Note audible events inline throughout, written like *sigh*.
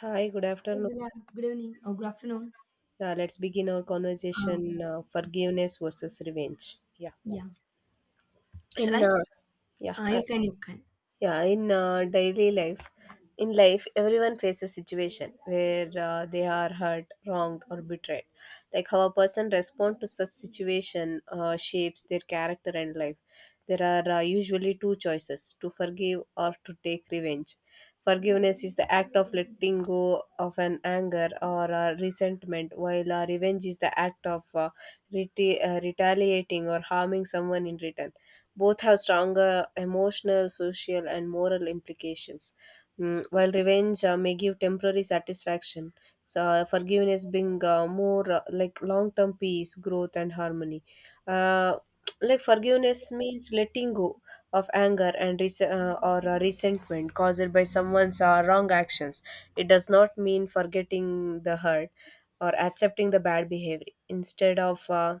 Hi, good afternoon. Angela, good evening or good afternoon. Let's begin our Um, conversation forgiveness versus revenge. Yeah. Yeah. yeah, shall In I? Yeah, I, You can, you can. yeah in daily life in life everyone faces situation where they are hurt wronged or betrayed like how a person responds to such situation shapes their character and life there are usually two choices to forgive or to take revenge forgiveness is the act of letting go of an anger or resentment while revenge is the act of retaliating or harming someone in return both have stronger emotional, social, and moral implications. While revenge may give temporary satisfaction, so forgiveness brings more like long-term peace, growth, and harmony. Uh, like forgiveness means letting go of anger and res- or resentment caused by someone's wrong actions. It does not mean forgetting the hurt or accepting the bad behavior. Instead of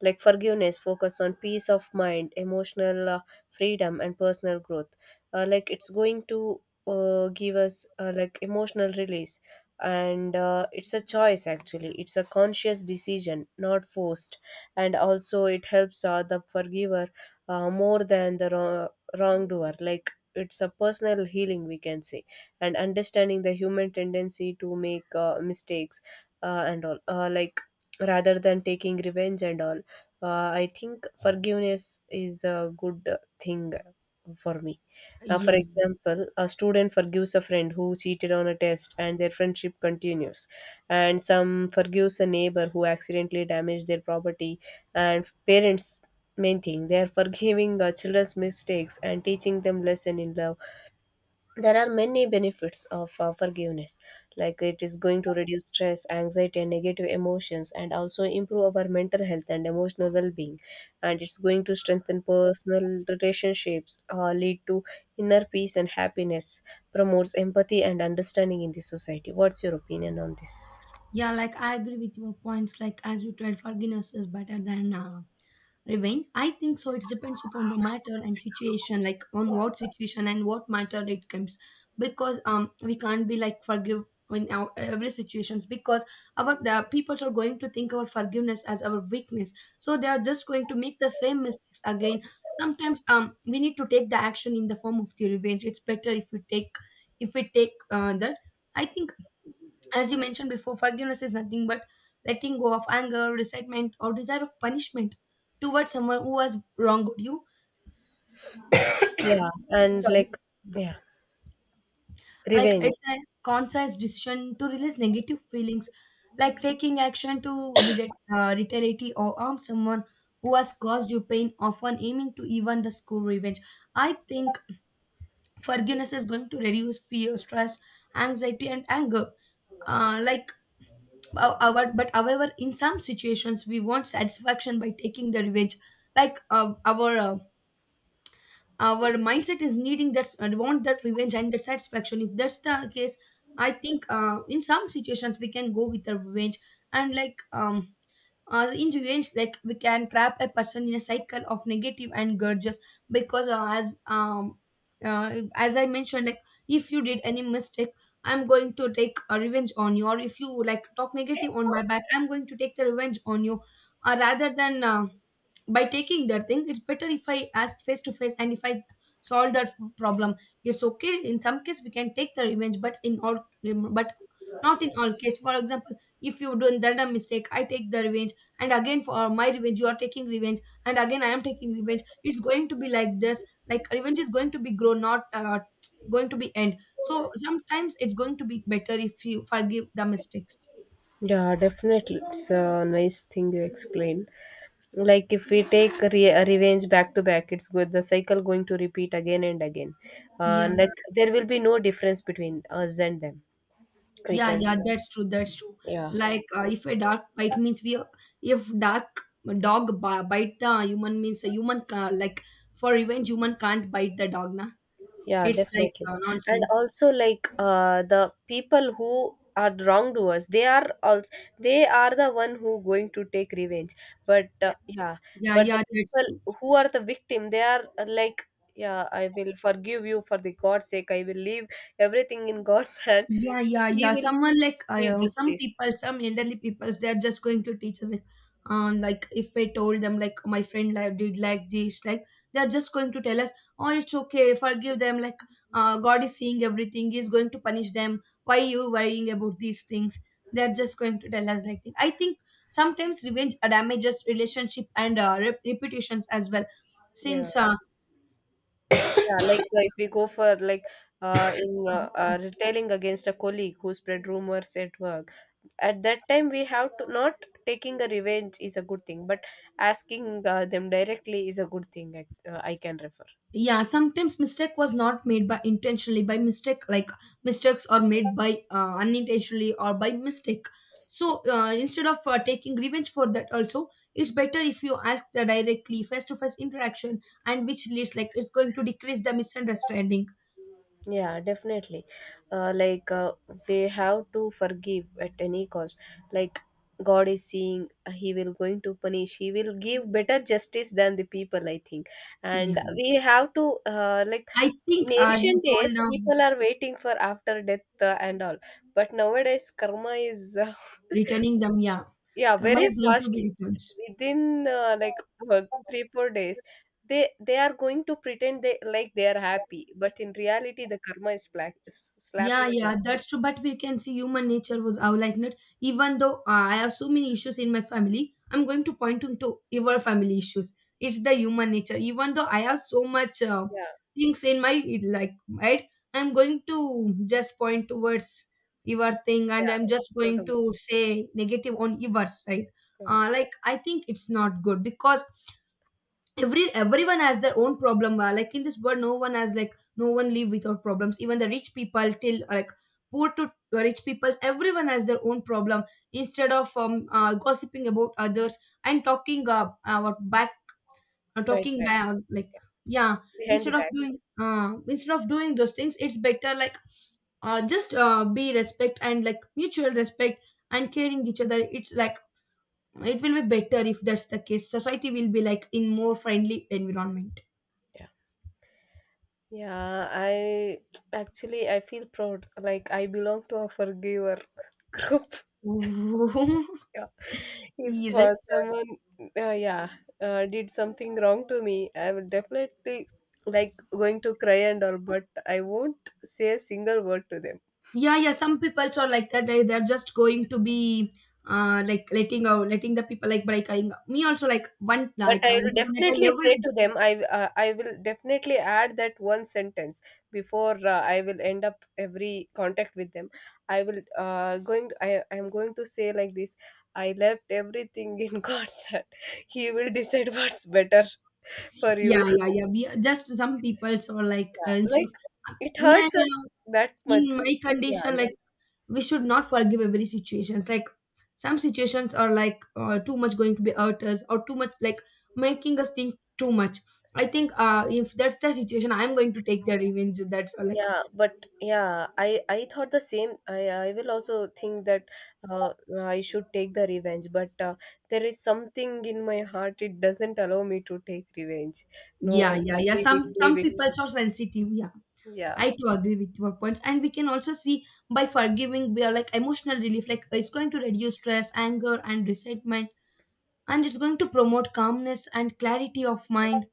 like forgiveness focus on peace of mind emotional freedom and personal growth like it's going to give us like emotional release and it's a choice actually it's a conscious decision not forced and also it helps the forgiver more than the wrongdoer like it's a personal healing we can say and understanding the human tendency to make mistakes and all like rather than taking revenge and all I think forgiveness is the good thing for me. For Yeah, example a student forgives a friend who cheated on a test and their friendship continues and some forgives a neighbor who accidentally damaged their property and parents main thing they are forgiving children's mistakes and teaching them lesson in love there are many benefits of forgiveness, like it is going to reduce stress, anxiety, and negative emotions, and also improve our mental health and emotional well being. And it's going to strengthen personal relationships, lead to inner peace and happiness, promotes empathy and understanding in the society. What's your opinion on this? yeah. Like I agree with your points. Like as you tried, forgiveness is better than revenge, I think. So it depends upon the matter and situation, like on what situation and what matter it comes, because we can't be like forgive in our, every situations, because our the peoples are going to think our forgiveness as our weakness, so they are just going to make the same mistakes again. Sometimes we need to take the action in the form of the revenge. It's better if we take, if we take that, I think. As you mentioned before, forgiveness is nothing but letting go of anger, resentment, or desire of punishment towards someone who has wronged you. Yeah, and Sorry. like, yeah, Like revenge. it's a conscious decision to release negative feelings, like taking action to retaliate or harm someone who has caused you pain, often aiming to even the score revenge. I think forgiveness is going to reduce fear, stress, anxiety, and anger. Like but however, in some situations, we want satisfaction by taking the revenge. Like our mindset is needing that, want that revenge and that satisfaction. If that's the case, I think in some situations we can go with the revenge, and the intervention, like, we can trap a person in a cycle of negative and grudges, because as I mentioned, like, if you did any mistake, I'm going to take a revenge on you, or if you like talk negative on my back, I'm going to take the revenge on you. Rather than by taking that thing, it's better if I ask face to face and if I solve that problem. It's okay, in some case we can take the revenge, but in all, but not in all case. For example, if you've done that a mistake, I take the revenge, and again for my revenge you are taking revenge, and again I am taking revenge. It's going to be like this. Like revenge is going to be grow, not going to be end. So sometimes it's going to be better if you forgive the mistakes. Yeah, definitely. It's a nice thing you explained. Like if we take revenge back to back it's good the cycle going to repeat again and again, Yeah. like there will be no difference between us and them we Yeah, can yeah, see. that's true. That's true. Yeah, Like, if a dark bite means we, if dark dog bite the human means, a human ca like, for revenge, human can't bite the dog, na. yeah, It's like definitely. And nonsense. also like the people who are wrong to us they are also they are the one who going to take revenge but yeah Yeah, but the yeah, that's true. people who are the victim they are like yeah I will forgive you for the god's sake I will leave everything in god's *laughs* hand. Yeah, yeah, He yeah. will. Someone like He just some stays. people, some elderly peoples, they're just going to teach us like if I told them like my friend like did like this, like they're just going to tell us, oh, it's okay, forgive them. Like, God is seeing everything. He's going to punish them. Why you worrying about these things? They're just going to tell us like thing. I think sometimes revenge damages relationship and reputations as well, Yeah, since yeah. Like if we go for like in retailing against a colleague who spread rumors at work, at that time we have to not taking a revenge is a good thing, but asking them directly is a good thing. I can refer. yeah. Sometimes mistake was not made by intentionally, by mistake. Like mistakes are made by unintentionally or by mistake. So instead of taking revenge for that also, it's better if you ask the directly face to face interaction, and which leads like it's going to decrease the misunderstanding. Yeah, definitely. Like we have to forgive at any cost. Like God is seeing, He will going to punish. He will give better justice than the people. I think, Yeah. and we have to like I think in as you ancient told days now, people are waiting for after death and all but nowadays karma is returning them, yeah, *laughs* yeah karma very is going to be fastly returned. within like uh, three or four days they are going to pretend they like they are happy but in reality the karma is black is Yeah, slapping them. yeah, that's true. But we can see human nature was our lightning. Even though I have so many issues in my family, I'm going to point to your family issues. It's the human nature. Even though I have so much Yeah, things in my like right, I'm going to just point towards your thing, and yeah, I'm just it's not a going to say negative on your side. thing. Yeah. Like I think it's not good because everyone has their own problem, like in this world no one has, like no one live without problems, even the rich people till like poor to rich people, everyone has their own problem. Instead of gossiping about others and talking what back, Bite talking back back like, yeah, behind the instead of back. Doing those things, it's better like just be respect and like mutual respect and caring each other. It's like it will be better if that's the case, society will be like in more friendly environment. Yeah, yeah, I *tsk* actually I feel proud like I belong to a forgiver *laughs* group. Ooh. *laughs* Yeah. *laughs* If Is it? someone, uh, yeah, did something wrong to me, I would definitely like going to cry and all, but I won't say a single word to them. Yeah, yeah. Some people are like that. They they're just going to be like letting out, letting the people like break. I- Me also like one But like I will once upon a time definitely say every. to them, I will definitely add that one sentence before I will end up every contact with them. I will going I am going to say like this. I left everything in *laughs* God's hand. He will decide what's better for Yeah, you. yeah, yeah. We just, some people are like Yeah, instead like of, it nah, hurts nah, us that much. in my Yeah, I condition, like do. we should not forgive every situations. Like some situations are like too much going to be hurt us, or too much like making us think too much. I think if that's the situation, I'm going to take the revenge, that's all. Like, Yeah, but yeah, I thought the same. I will also think that uh, I should take the revenge, but there is something in my heart. It doesn't allow me to take revenge. No, yeah, yeah, yeah, leave it, leave some it. people are so sensitive. Yeah, Yeah. I too agree with your points, and we can also see by forgiving we are like emotional relief. Like it's going to reduce stress, anger, and resentment, and it's going to promote calmness and clarity of mind,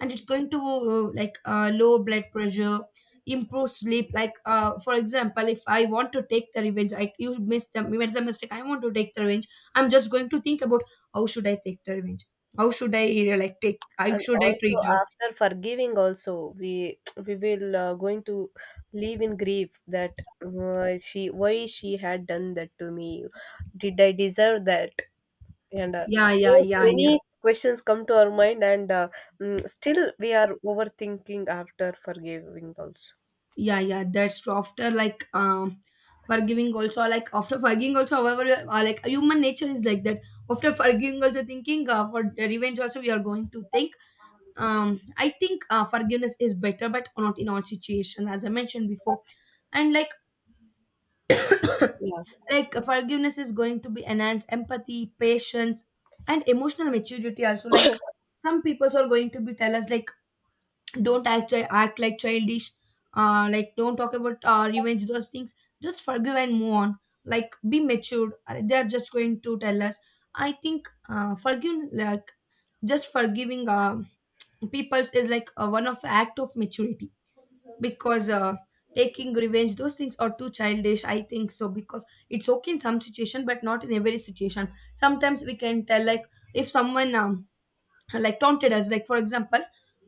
and it's going to low blood pressure, improve sleep. Like for example, if I want to take the revenge, i, you missed them, you made the mistake, I want to take the revenge, I'm just going to think about how should I take the revenge, how should i, like take, how And should I also treat her. after forgiving, also we *tsk* we will going to live in grief that she why she had done that to me. Did I deserve that? And Yeah, yeah, those yeah, yeah. many questions come to our mind, and mm, still we are overthinking after forgiving also. Yeah, yeah, that's true. After like forgiving also, like after forgiving also, however, like human nature is like that. After forgiving also, thinking for the revenge also we are going to think. I think, forgiveness is better, but not in all situations, as I mentioned before. And like Yeah, *coughs* like forgiveness is going to be enhance empathy, patience, and emotional maturity also. Like some people are going to be tell us like, don't act like childish, like don't talk about revenge those things, just forgive and move on, like be matured. They are just going to tell us. I think, forgive, like, just forgiving peoples is like one of act of maturity, because taking revenge, those things are too childish, I think so, because it's okay in some situation, but not in every situation. Sometimes we can tell like, if someone, like taunted us, like for example,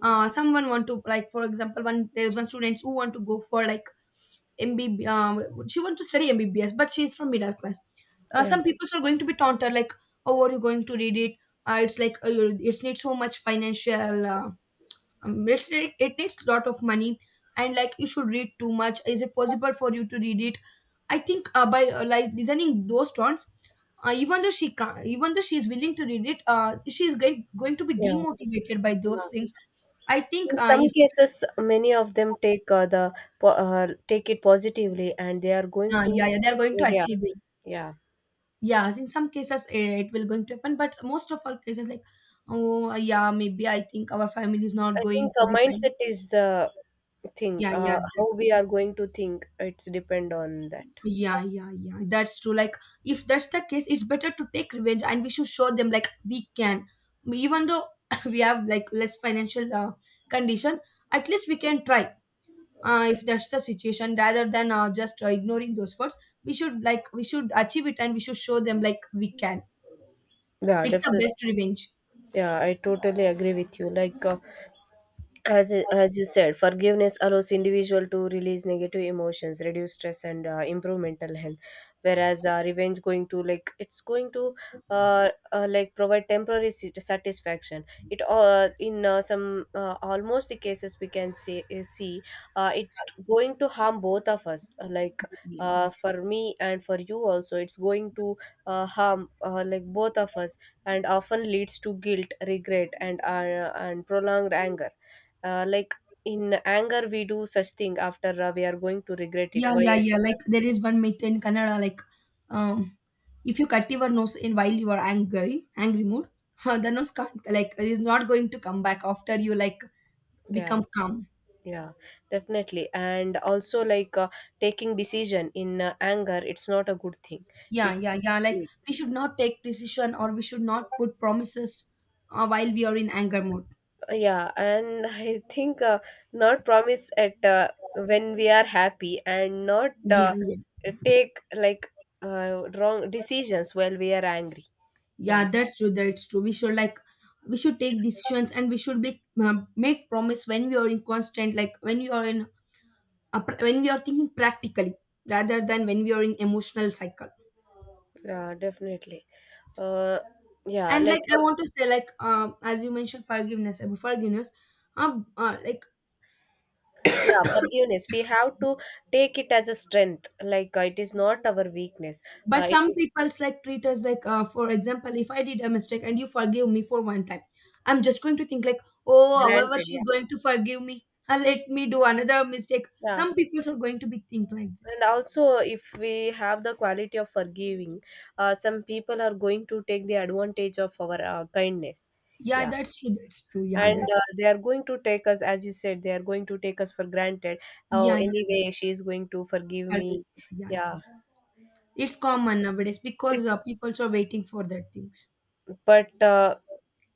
someone want to, like for example, one there's one student who want to go for like mbb she want to study mbbs, but she's from middle class. Yeah, Some people are going to be taunted like, oh, are you going to read it? It's like it's need so much financial, it's, it takes a lot of money, and like you should read too much, is it possible for you to read it? I think by like listening those taunts, even though she can, even though she is willing to read it, she is going to be yeah, demotivated by those yeah. things. I think, In uh, some if cases, many of them take the take it positively, and they are going uh, to. yeah, yeah, they are going to Yeah, achieve it. yeah. Yeah, in some cases, eh, it will going to happen, but most of all cases like, oh yeah, maybe I think our family is not I going think to be fine. mindset is the thing. Yeah, yeah, How that's, we are going to think, it's depend on that. yeah, yeah, yeah, that's true. Like, if that's the case, it's better to take revenge and we should show them, like, we can. Even though *laughs* *clears throat* we have, like, less financial condition, at least we can try. If that's the situation, rather than just ignoring those words, we should, like, we should achieve it and we should show them, like, we can. Yeah, It's the definitely. best revenge. Yeah, I totally agree with you. Like, as you said forgiveness allows individual to release negative emotions reduce stress and improve mental health whereas revenge going to like it's going to like provide temporary satisfaction it in some almost the cases we can say see it going to harm both of us. For me and for you also it's going to harm like both of us and often leads to guilt regret and prolonged anger like in anger we do such thing after we are going to regret it Yeah, why yeah, I yeah. have Like done there this? is one myth in Kannada, like, um, if you cut your nose in while you are angry, angry mood, *laughs* the nose can't, like it is not going to come back after you like Yeah, become calm. yeah, definitely. And also like taking decision in anger it's not a good thing. Yeah, it, yeah, yeah. Like it we should not take decision, or we should not put promises while we are in anger mode. yeah and *laughs* I think not promise at when we are happy and not Yeah, yeah, take like wrong decisions while we are angry. Yeah, yeah. That's true. That's true. We should like we should take decisions and we should be make promise when we are in constant like when you are in when we are thinking practically rather than when we are in emotional cycle. yeah, definitely uh yeah And like. like I want to say like as you mentioned forgiveness, about forgiveness. Like Yeah, forgiveness. We have to take it as a strength. Like it is not our weakness. but It some is people's like treat us like for example, if I did a mistake and you forgive me for one time, I'm just going to think like, oh, however granted. she's Yeah, going to forgive me, let me do another mistake. yeah. Some people are going to be think like And this. also, if we have the quality of forgiving, some people are going to take the advantage of our kindness. Yeah, Yeah, that's true. That's true. Yeah, and that's they are going to take us, as you said, they are going to take us for granted. Oh, yeah yeah yeah, anyway, she is going to forgive forgive, me. yeah yeah yeah. Yeah, It's common yeah. nowadays because It's people are waiting for that things. but uh,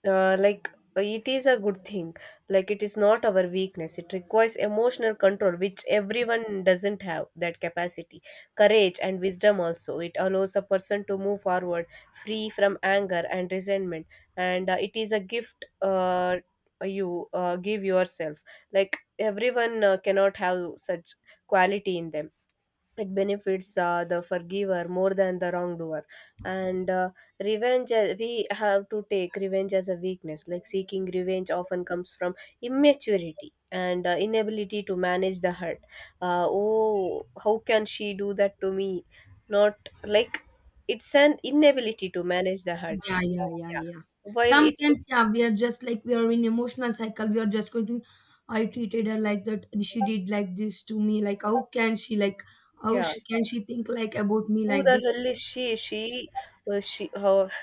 uh, like it is a good thing like it is not our weakness it requires emotional control which everyone doesn't have that capacity courage and wisdom also it allows a person to move forward free from anger and resentment and it is a gift you give yourself like everyone cannot have such quality in them it benefits the forgiver more than the wrongdoer and revenge we have to take revenge as a weakness like seeking revenge often comes from immaturity and inability to manage the hurt oh how can she do that to me not like it's an inability to manage the hurt. Yeah, yeah, yeah, Yeah yeah. while it Sometimes, yeah, we are just like we are in emotional cycle. We are just going to, I treated her like that. She did like this to me. Like, how can she like? How yeah she, can she think like about me who like the this? hell is she how *laughs*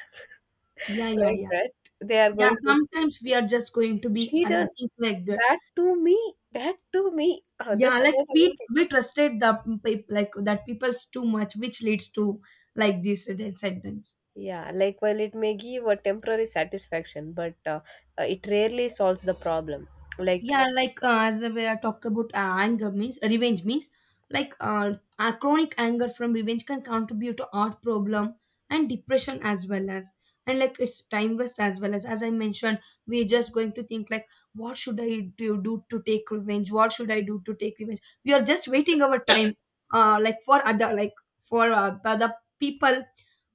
Yeah, yeah, like yeah, that they are yeah. going to Sometimes we are just going to be she and I done think like that. that to me, that to me, Yeah, that's like what I we would think. we trusted the people like that, people's too much, which leads to like this sentence. Yeah, like while it may give a temporary satisfaction, but it rarely solves the problem. Like, Yeah, like as we are talked about anger means revenge means like chronic anger from revenge can contribute to heart problem and depression as well as, and like it's time waste as well as I mentioned, we're just going to think like what should I do, do to take revenge, what should I do to take revenge. We are just waiting our time like for other like for the other people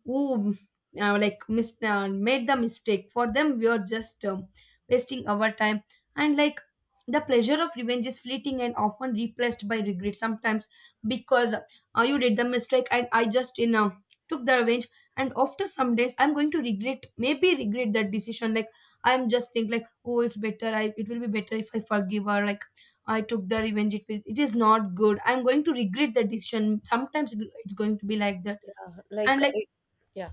who made the mistake. For them we are just wasting our time. And like the pleasure of revenge is fleeting and often replaced by regret sometimes, because you did the mistake and I just, you know, took the revenge, and after some days I'm going to regret, maybe regret that decision. Like, I'm just think like, oh, it's better, I it will be better if I forgive her. Like, I took the revenge, it is not good, I'm going to regret that decision sometimes. It's going to be like that. yeah, like And like it, yeah,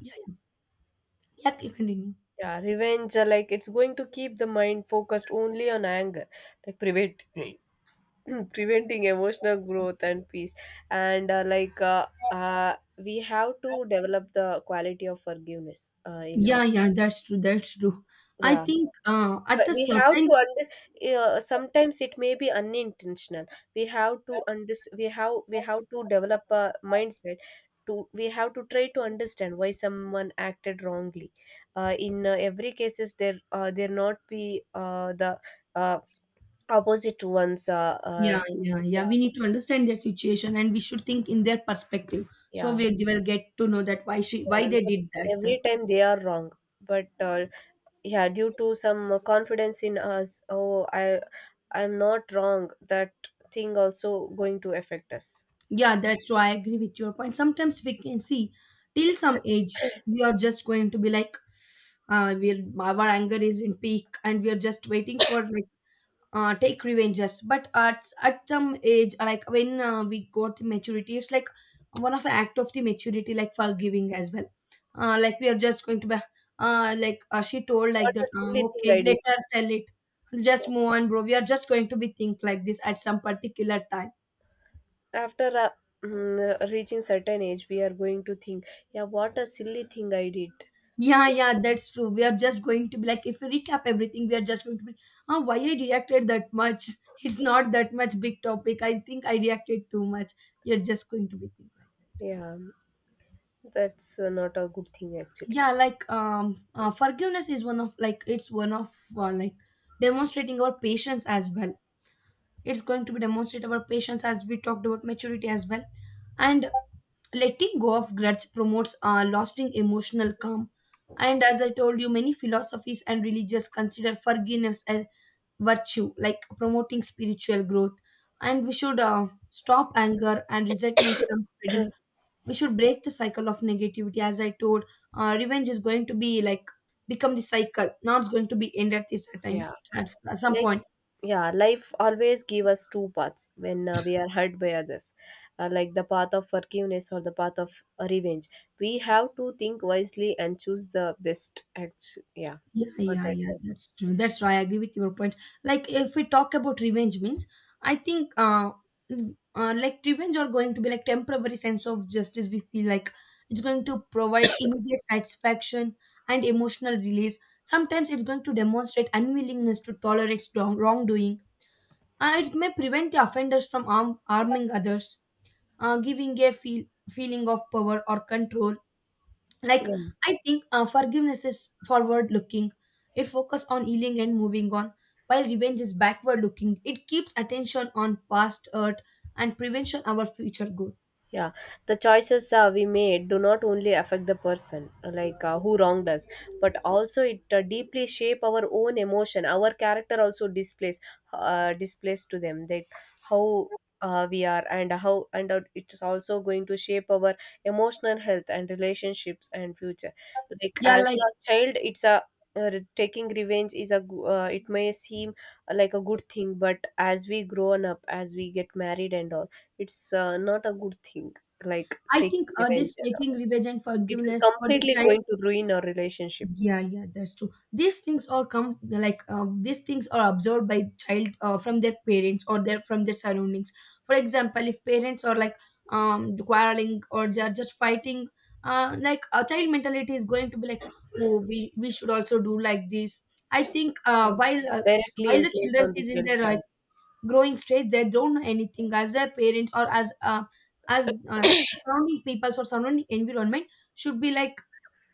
yeah, continue. yeah, revenge. It's going to keep the mind focused only on anger, like prevent *clears throat* preventing emotional growth and peace. And we have to develop the quality of forgiveness in our Yeah, yeah, that's true. That's true. I yeah think but at a we have certain to understand. Sometimes it may be unintentional. We have to understand. We have to develop a mindset to we have to try to understand why someone acted wrongly in every cases there there not be the uh, opposite ones are yeah, yeah, yeah, yeah we need to understand their situation and we should think in their perspective. So yeah we will get to know that why she, yeah why they not did that. That. every time they are wrong but yeah due to some confidence in us oh I I'm not wrong, that thing also going to affect us. Yeah, that's true. I agree with your point. Sometimes we can see till some age we are just going to be like we're our anger is in peak and we are just waiting for like take revenges. But at some age, like when we got the maturity, it's like one of the act of the maturity, like forgiving as well. Like we are just going to be, like she told like What a that. Silly thing Okay, I let did. her tell it. Just move on, bro. We are just going to be think like this at some particular time. After reaching certain age, we are going to think, yeah, what a silly thing I did. Yeah, yeah, that's true. We are just going to be like, if we recap everything, we are just going to be, ah, why I reacted that much? *laughs* It's not that much big topic. I think I reacted too much. You're just going to be thinking like that. Yeah, that's not a good thing actually. Yeah, like forgiveness is one of like it's one of like demonstrating our patience as well. It's going to be demonstrate our patience as we talked about maturity as well. And letting go of grudge promotes lasting emotional calm. And as I told you, many philosophies and religious consider forgiveness a virtue, like promoting spiritual growth. And we should stop anger and resentment from spreading. We should break the cycle of negativity. As I told, revenge is going to be like become the cycle, now it's going to be end at this time, Yeah. At some Like, point. yeah, life always give us two paths when we are hurt by others, like the path of forgiveness or the path of revenge. We have to think wisely and choose the best. Actually, yeah, Yeah for yeah that. yeah that's true, that's true, I agree with your points. Like if we talk about revenge means, I think like revenge are going to be like temporary sense of justice. We feel like it's going to provide immediate satisfaction and emotional release. Sometimes it's going to demonstrate unwillingness to tolerate wrongdoing. It may prevent the offenders from harming others, giving a feeling of power or control. Like Yeah. I think forgiveness is forward-looking. It focuses on healing and moving on, while revenge is backward-looking. It keeps attention on past hurt and prevention our future good. Yeah, the choices we made do not only affect the person who wronged us, but also it deeply shape our own emotion, our character also displays displays to them like how we are, and how and it is also going to shape our emotional health and relationships and future. Like Yeah, as like a child it's a uh, taking revenge is it may seem like a good thing, but as we grown up, as we get married and all, it's not a good thing, like I think taking revenge this and all. taking revenge and It will forgiveness for the completely child, going to ruin our relationship. yeah yeah that's true, these things are come like these things are observed by child from their parents or their from their surroundings. For example, if parents are like quarreling or they are just fighting, like a child mentality is going to be like, oh we should also do like this. I think Yeah. Directly while the influence children on the is in child's their like character. growing stage, they don't know anything. As their parents or as surrounding peoples or surrounding environment should be like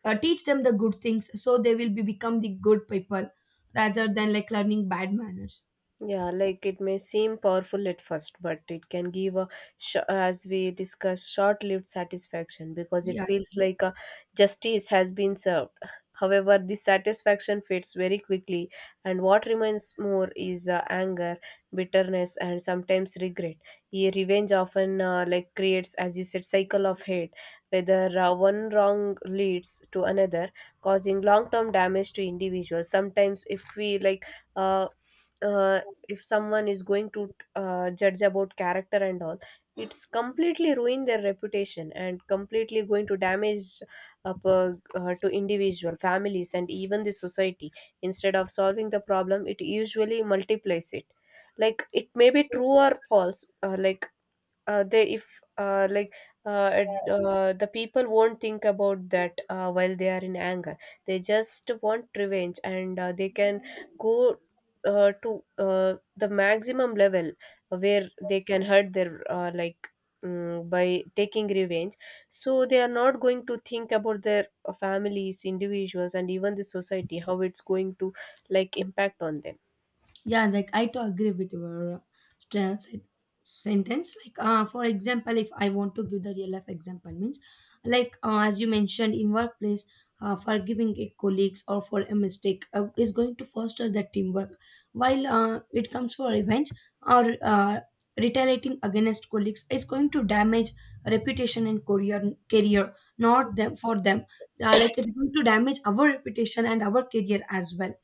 teach them the good things, so they will be become the good people rather than like learning bad manners. Yeah, like it may seem powerful at first, but it can give a, as we discussed, short-lived satisfaction because it Yeah, feels yeah. like a justice has been served. However, this satisfaction fades very quickly, and what remains more is anger, bitterness, and sometimes regret. Ye revenge often like creates, as you said, cycle of hate, whether one wrong leads to another, causing long-term damage to individuals. Sometimes, if we like. Uh, uh, if someone is going to judge about character and all, it's completely ruin their reputation and completely going to damage up to individual families and even the society. Instead of solving the problem, it usually multiplies it. Like it may be true or false, like they if like ad- the people won't think about that while they are in anger. They just want revenge, and they can go to the maximum level where they can hurt their by taking revenge. So they are not going to think about their families, individuals, and even the society, how it's going to like impact on them. Yeah, like I to agree with your st- sentence. Like for example, if I want to give the real life example means, like as you mentioned in workplace, forgiving a colleagues or for a mistake is going to foster the teamwork. While it comes for revenge or retaliating against colleagues is going to damage reputation and career, career not them for them. Like it's going to damage our reputation and our career as well.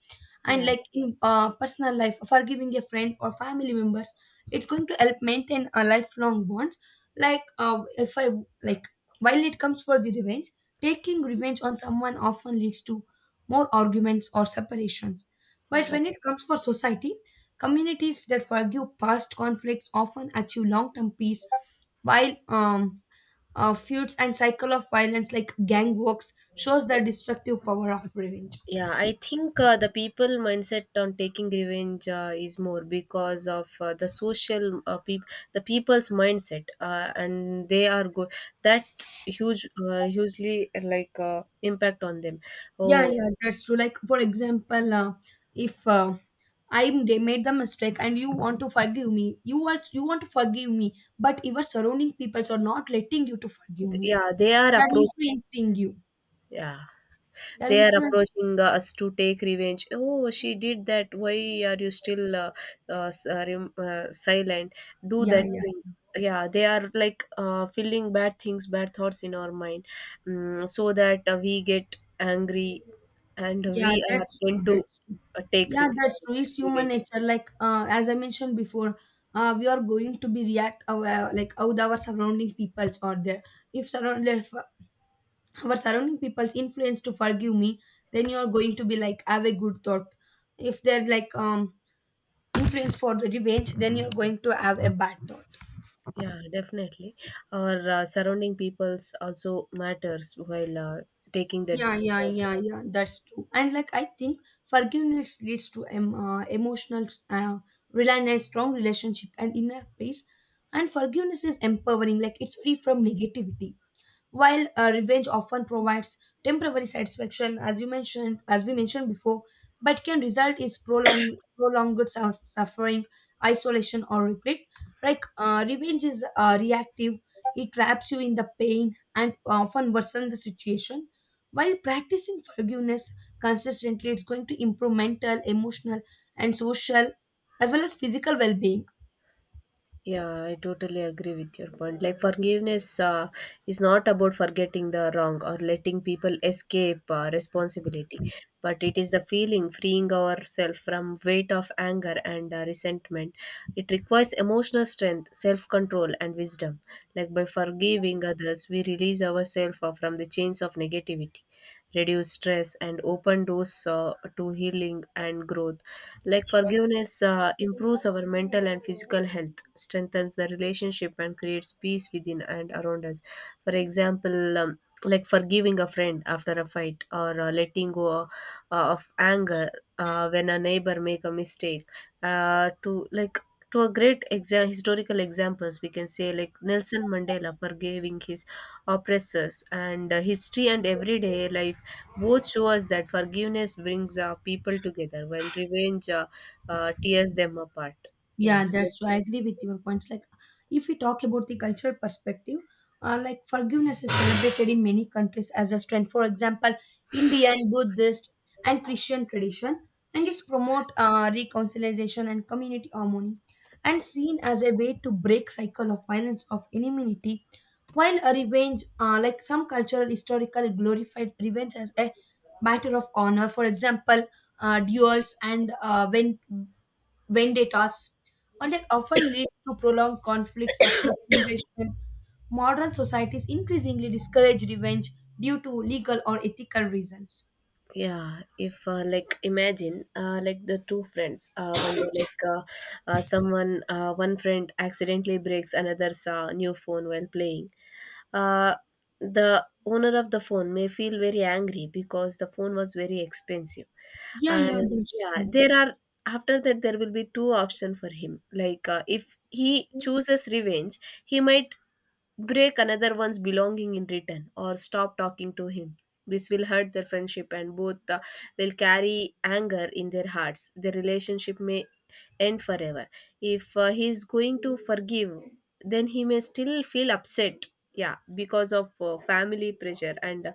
And yeah like in personal life, forgiving a friend or family members, it's going to help maintain a lifelong bonds. Like if I like, while it comes for the revenge, taking revenge on someone often leads to more arguments or separations. But yeah when it comes for society, communities that forgive past conflicts often achieve long-term peace, while feuds and cycle of violence like gang walks shows the destructive power of revenge. Yeah, I think the people mindset on taking revenge is more because of the social the people's mindset, and they are go that huge, hugely impact on them. Yeah, Oh, yeah, that's true. Like, for example, if made the mistake and you want to forgive me, you want to forgive me, but your surrounding peoples are not letting you to forgive me. yeah, they are They are approach. influencing you. Yeah. They are They are influencing. approaching us to take revenge. Oh, she did that. Why are you still silent? Do Yeah, that yeah, thing. Yeah, they are like feeling bad things, bad thoughts in our mind, so that we get angry and we yeah. are That's true. tend to That's true. uh, take Yeah, reg- that's true. It's human revenge. nature. Like, as I mentioned before, we are going to be react our, like how our surrounding peoples are there. If our surrounding people's influence to forgive me, then you're going to be like have a good thought. If they're like influence for the revenge, then you're going to have a bad thought. Yeah, definitely. Our surrounding peoples also matters while taking that. Yeah yeah Yes. yeah yeah, that's true. And like I think forgiveness leads to emotional reliance, strong relationship and inner peace. And forgiveness is empowering, like it's free from negativity. While revenge often provides temporary satisfaction, as you mentioned, as we mentioned before, but can result is prolonged suffering, isolation, or regret. Like revenge is reactive; it traps you in the pain and often worsens the situation. While practicing forgiveness consistently, it's going to improve mental, emotional, and social, as well as physical well-being. Yeah, I totally agree with your point. Like forgiveness is not about forgetting the wrong or letting people escape responsibility, but it is the feeling freeing ourselves from weight of anger and resentment. It requires emotional strength, self-control, and wisdom. Like by forgiving others, we release ourselves from the chains of negativity, reduce stress, and open doors to healing and growth. Like forgiveness improves our mental and physical health, strengthens the relationship, and creates peace within and around us. For example, like forgiving a friend after a fight, or letting go of anger when a neighbor make a mistake, uh, to like to a great historical examples we can say like Nelson Mandela forgiving his oppressors. And history and everyday life both show us that forgiveness brings people together, while revenge tears them apart. yeah Yeah, that's true. I agree with your points. Like, if we talk about the cultural perspective, like forgiveness is celebrated in many countries as a strength. For example, Indian, Buddhist, and Christian tradition, and it's promote reconciliation and community harmony, and seen as a way to break cycle of violence of enmity. While a revenge, like some cultural historical glorified revenge as a matter of honor, for example, duels and vendettas, or like often leads to prolonged conflicts across generations. Modern societies increasingly discourage revenge due to legal or ethical reasons. yeah If imagine like the two friends, one day like someone one friend accidentally breaks another's new phone while playing. uh, the owner of the phone may feel very angry because the phone was very expensive. Yeah, And yeah, that's yeah, true. there are, after that there will be two options for him. Like if he chooses revenge, he might break another one's belonging in return or stop talking to him. This will hurt their friendship, and both will carry anger in their hearts. The relationship may end forever. If he is going to forgive, then he may still feel upset. Yeah, because of family pressure, and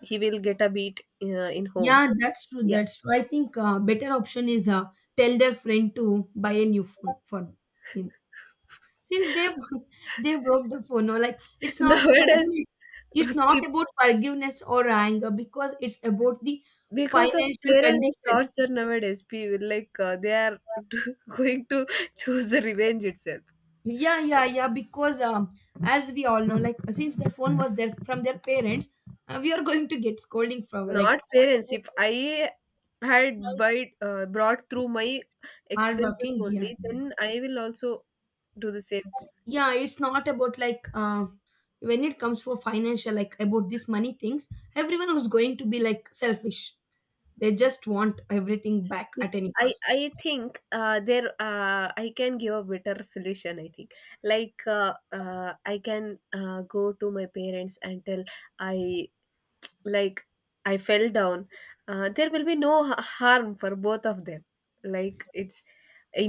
he will get a beat in home. Yeah, that's true. Yeah. That's true. I think better option is tell their friend to buy a new phone for him. Since they *laughs* they broke the phone, no, like it's *laughs* not the Nowadays, forgiveness, it's not peop- about forgiveness or anger because it's about the because of financial parents' condition. torture nowadays, people like they are *laughs* going to choose the revenge itself. Yeah yeah yeah, because as we all know, like since the phone was there from their parents, we are *laughs* going to get scolding from like Not parents. what If I parents brought through my are working, expenses yeah only, yeah. then I will also do the same thing. Yeah, it's not about like when it comes for financial like about this money things, everyone was going to be like selfish. They just want everything back If at any I cost. I think there I can give a better solution. I think like I can go to my parents and tell I like I fell down. There will be no harm for both of them. Like it's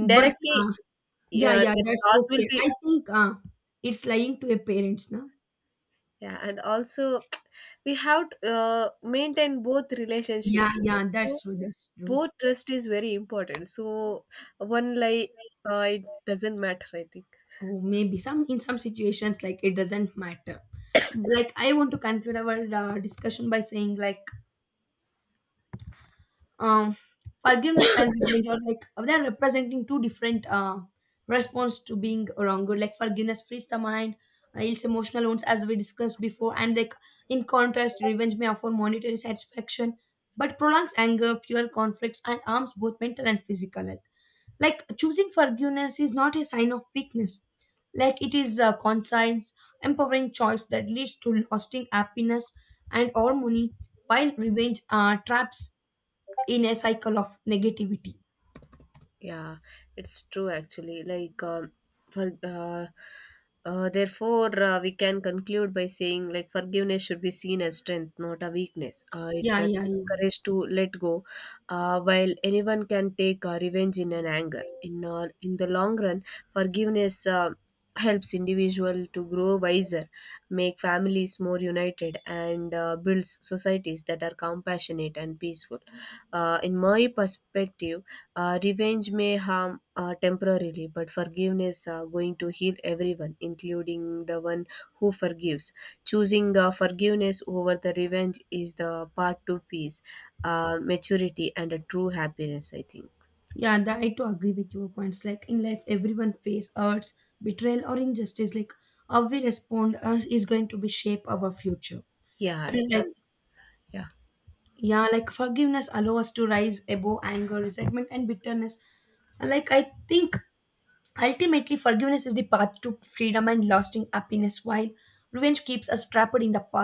But yeah, yeah, yeah, their that's loss will okay. be, I think it's lying to a parents now. yeah, and also we have to maintain both relationship Yeah, yeah, levels. So that's true. That's true. both trust is very important, so one lie, it doesn't matter I think. Oh, maybe some, in some situations like it doesn't matter. Like I want to conclude our discussion by saying like um, forgiveness and revenge are like, they're representing two different response to being wrong. Like forgiveness frees the mind, heals emotional wounds, as we discussed before, and like in contrast, revenge may offer monetary satisfaction, but prolongs anger, fuel conflicts, and harms both mental and physical health. Like choosing forgiveness is not a sign of weakness. Like it is a conscience, empowering choice that leads to lasting happiness and harmony, while revenge traps in a cycle of negativity. Yeah, it's true actually. Like, for therefore, we can conclude by saying like forgiveness should be seen as strength, not a weakness. Uh, it Yeah, uh, yeah, takes yeah. courage to let go, while anyone can take revenge in an anger. In the long run, forgiveness helps individual to grow wiser, make families more united, and builds societies that are compassionate and peaceful. In my perspective, revenge may harm temporarily, but forgiveness going to heal everyone, including the one who forgives. Choosing forgiveness over the revenge is the path to peace, maturity, and a true happiness, I think. Yeah, that, I too agree with your points. Like in life, everyone face hurts, betrayal, or injustice. Like how we respond us is going to be shape our future. Yeah, And like and yeah. yeah, like forgiveness allow us to rise above anger, resentment, and bitterness. Like I think ultimately forgiveness is the path to freedom and lasting happiness, while revenge keeps us trapped in the past.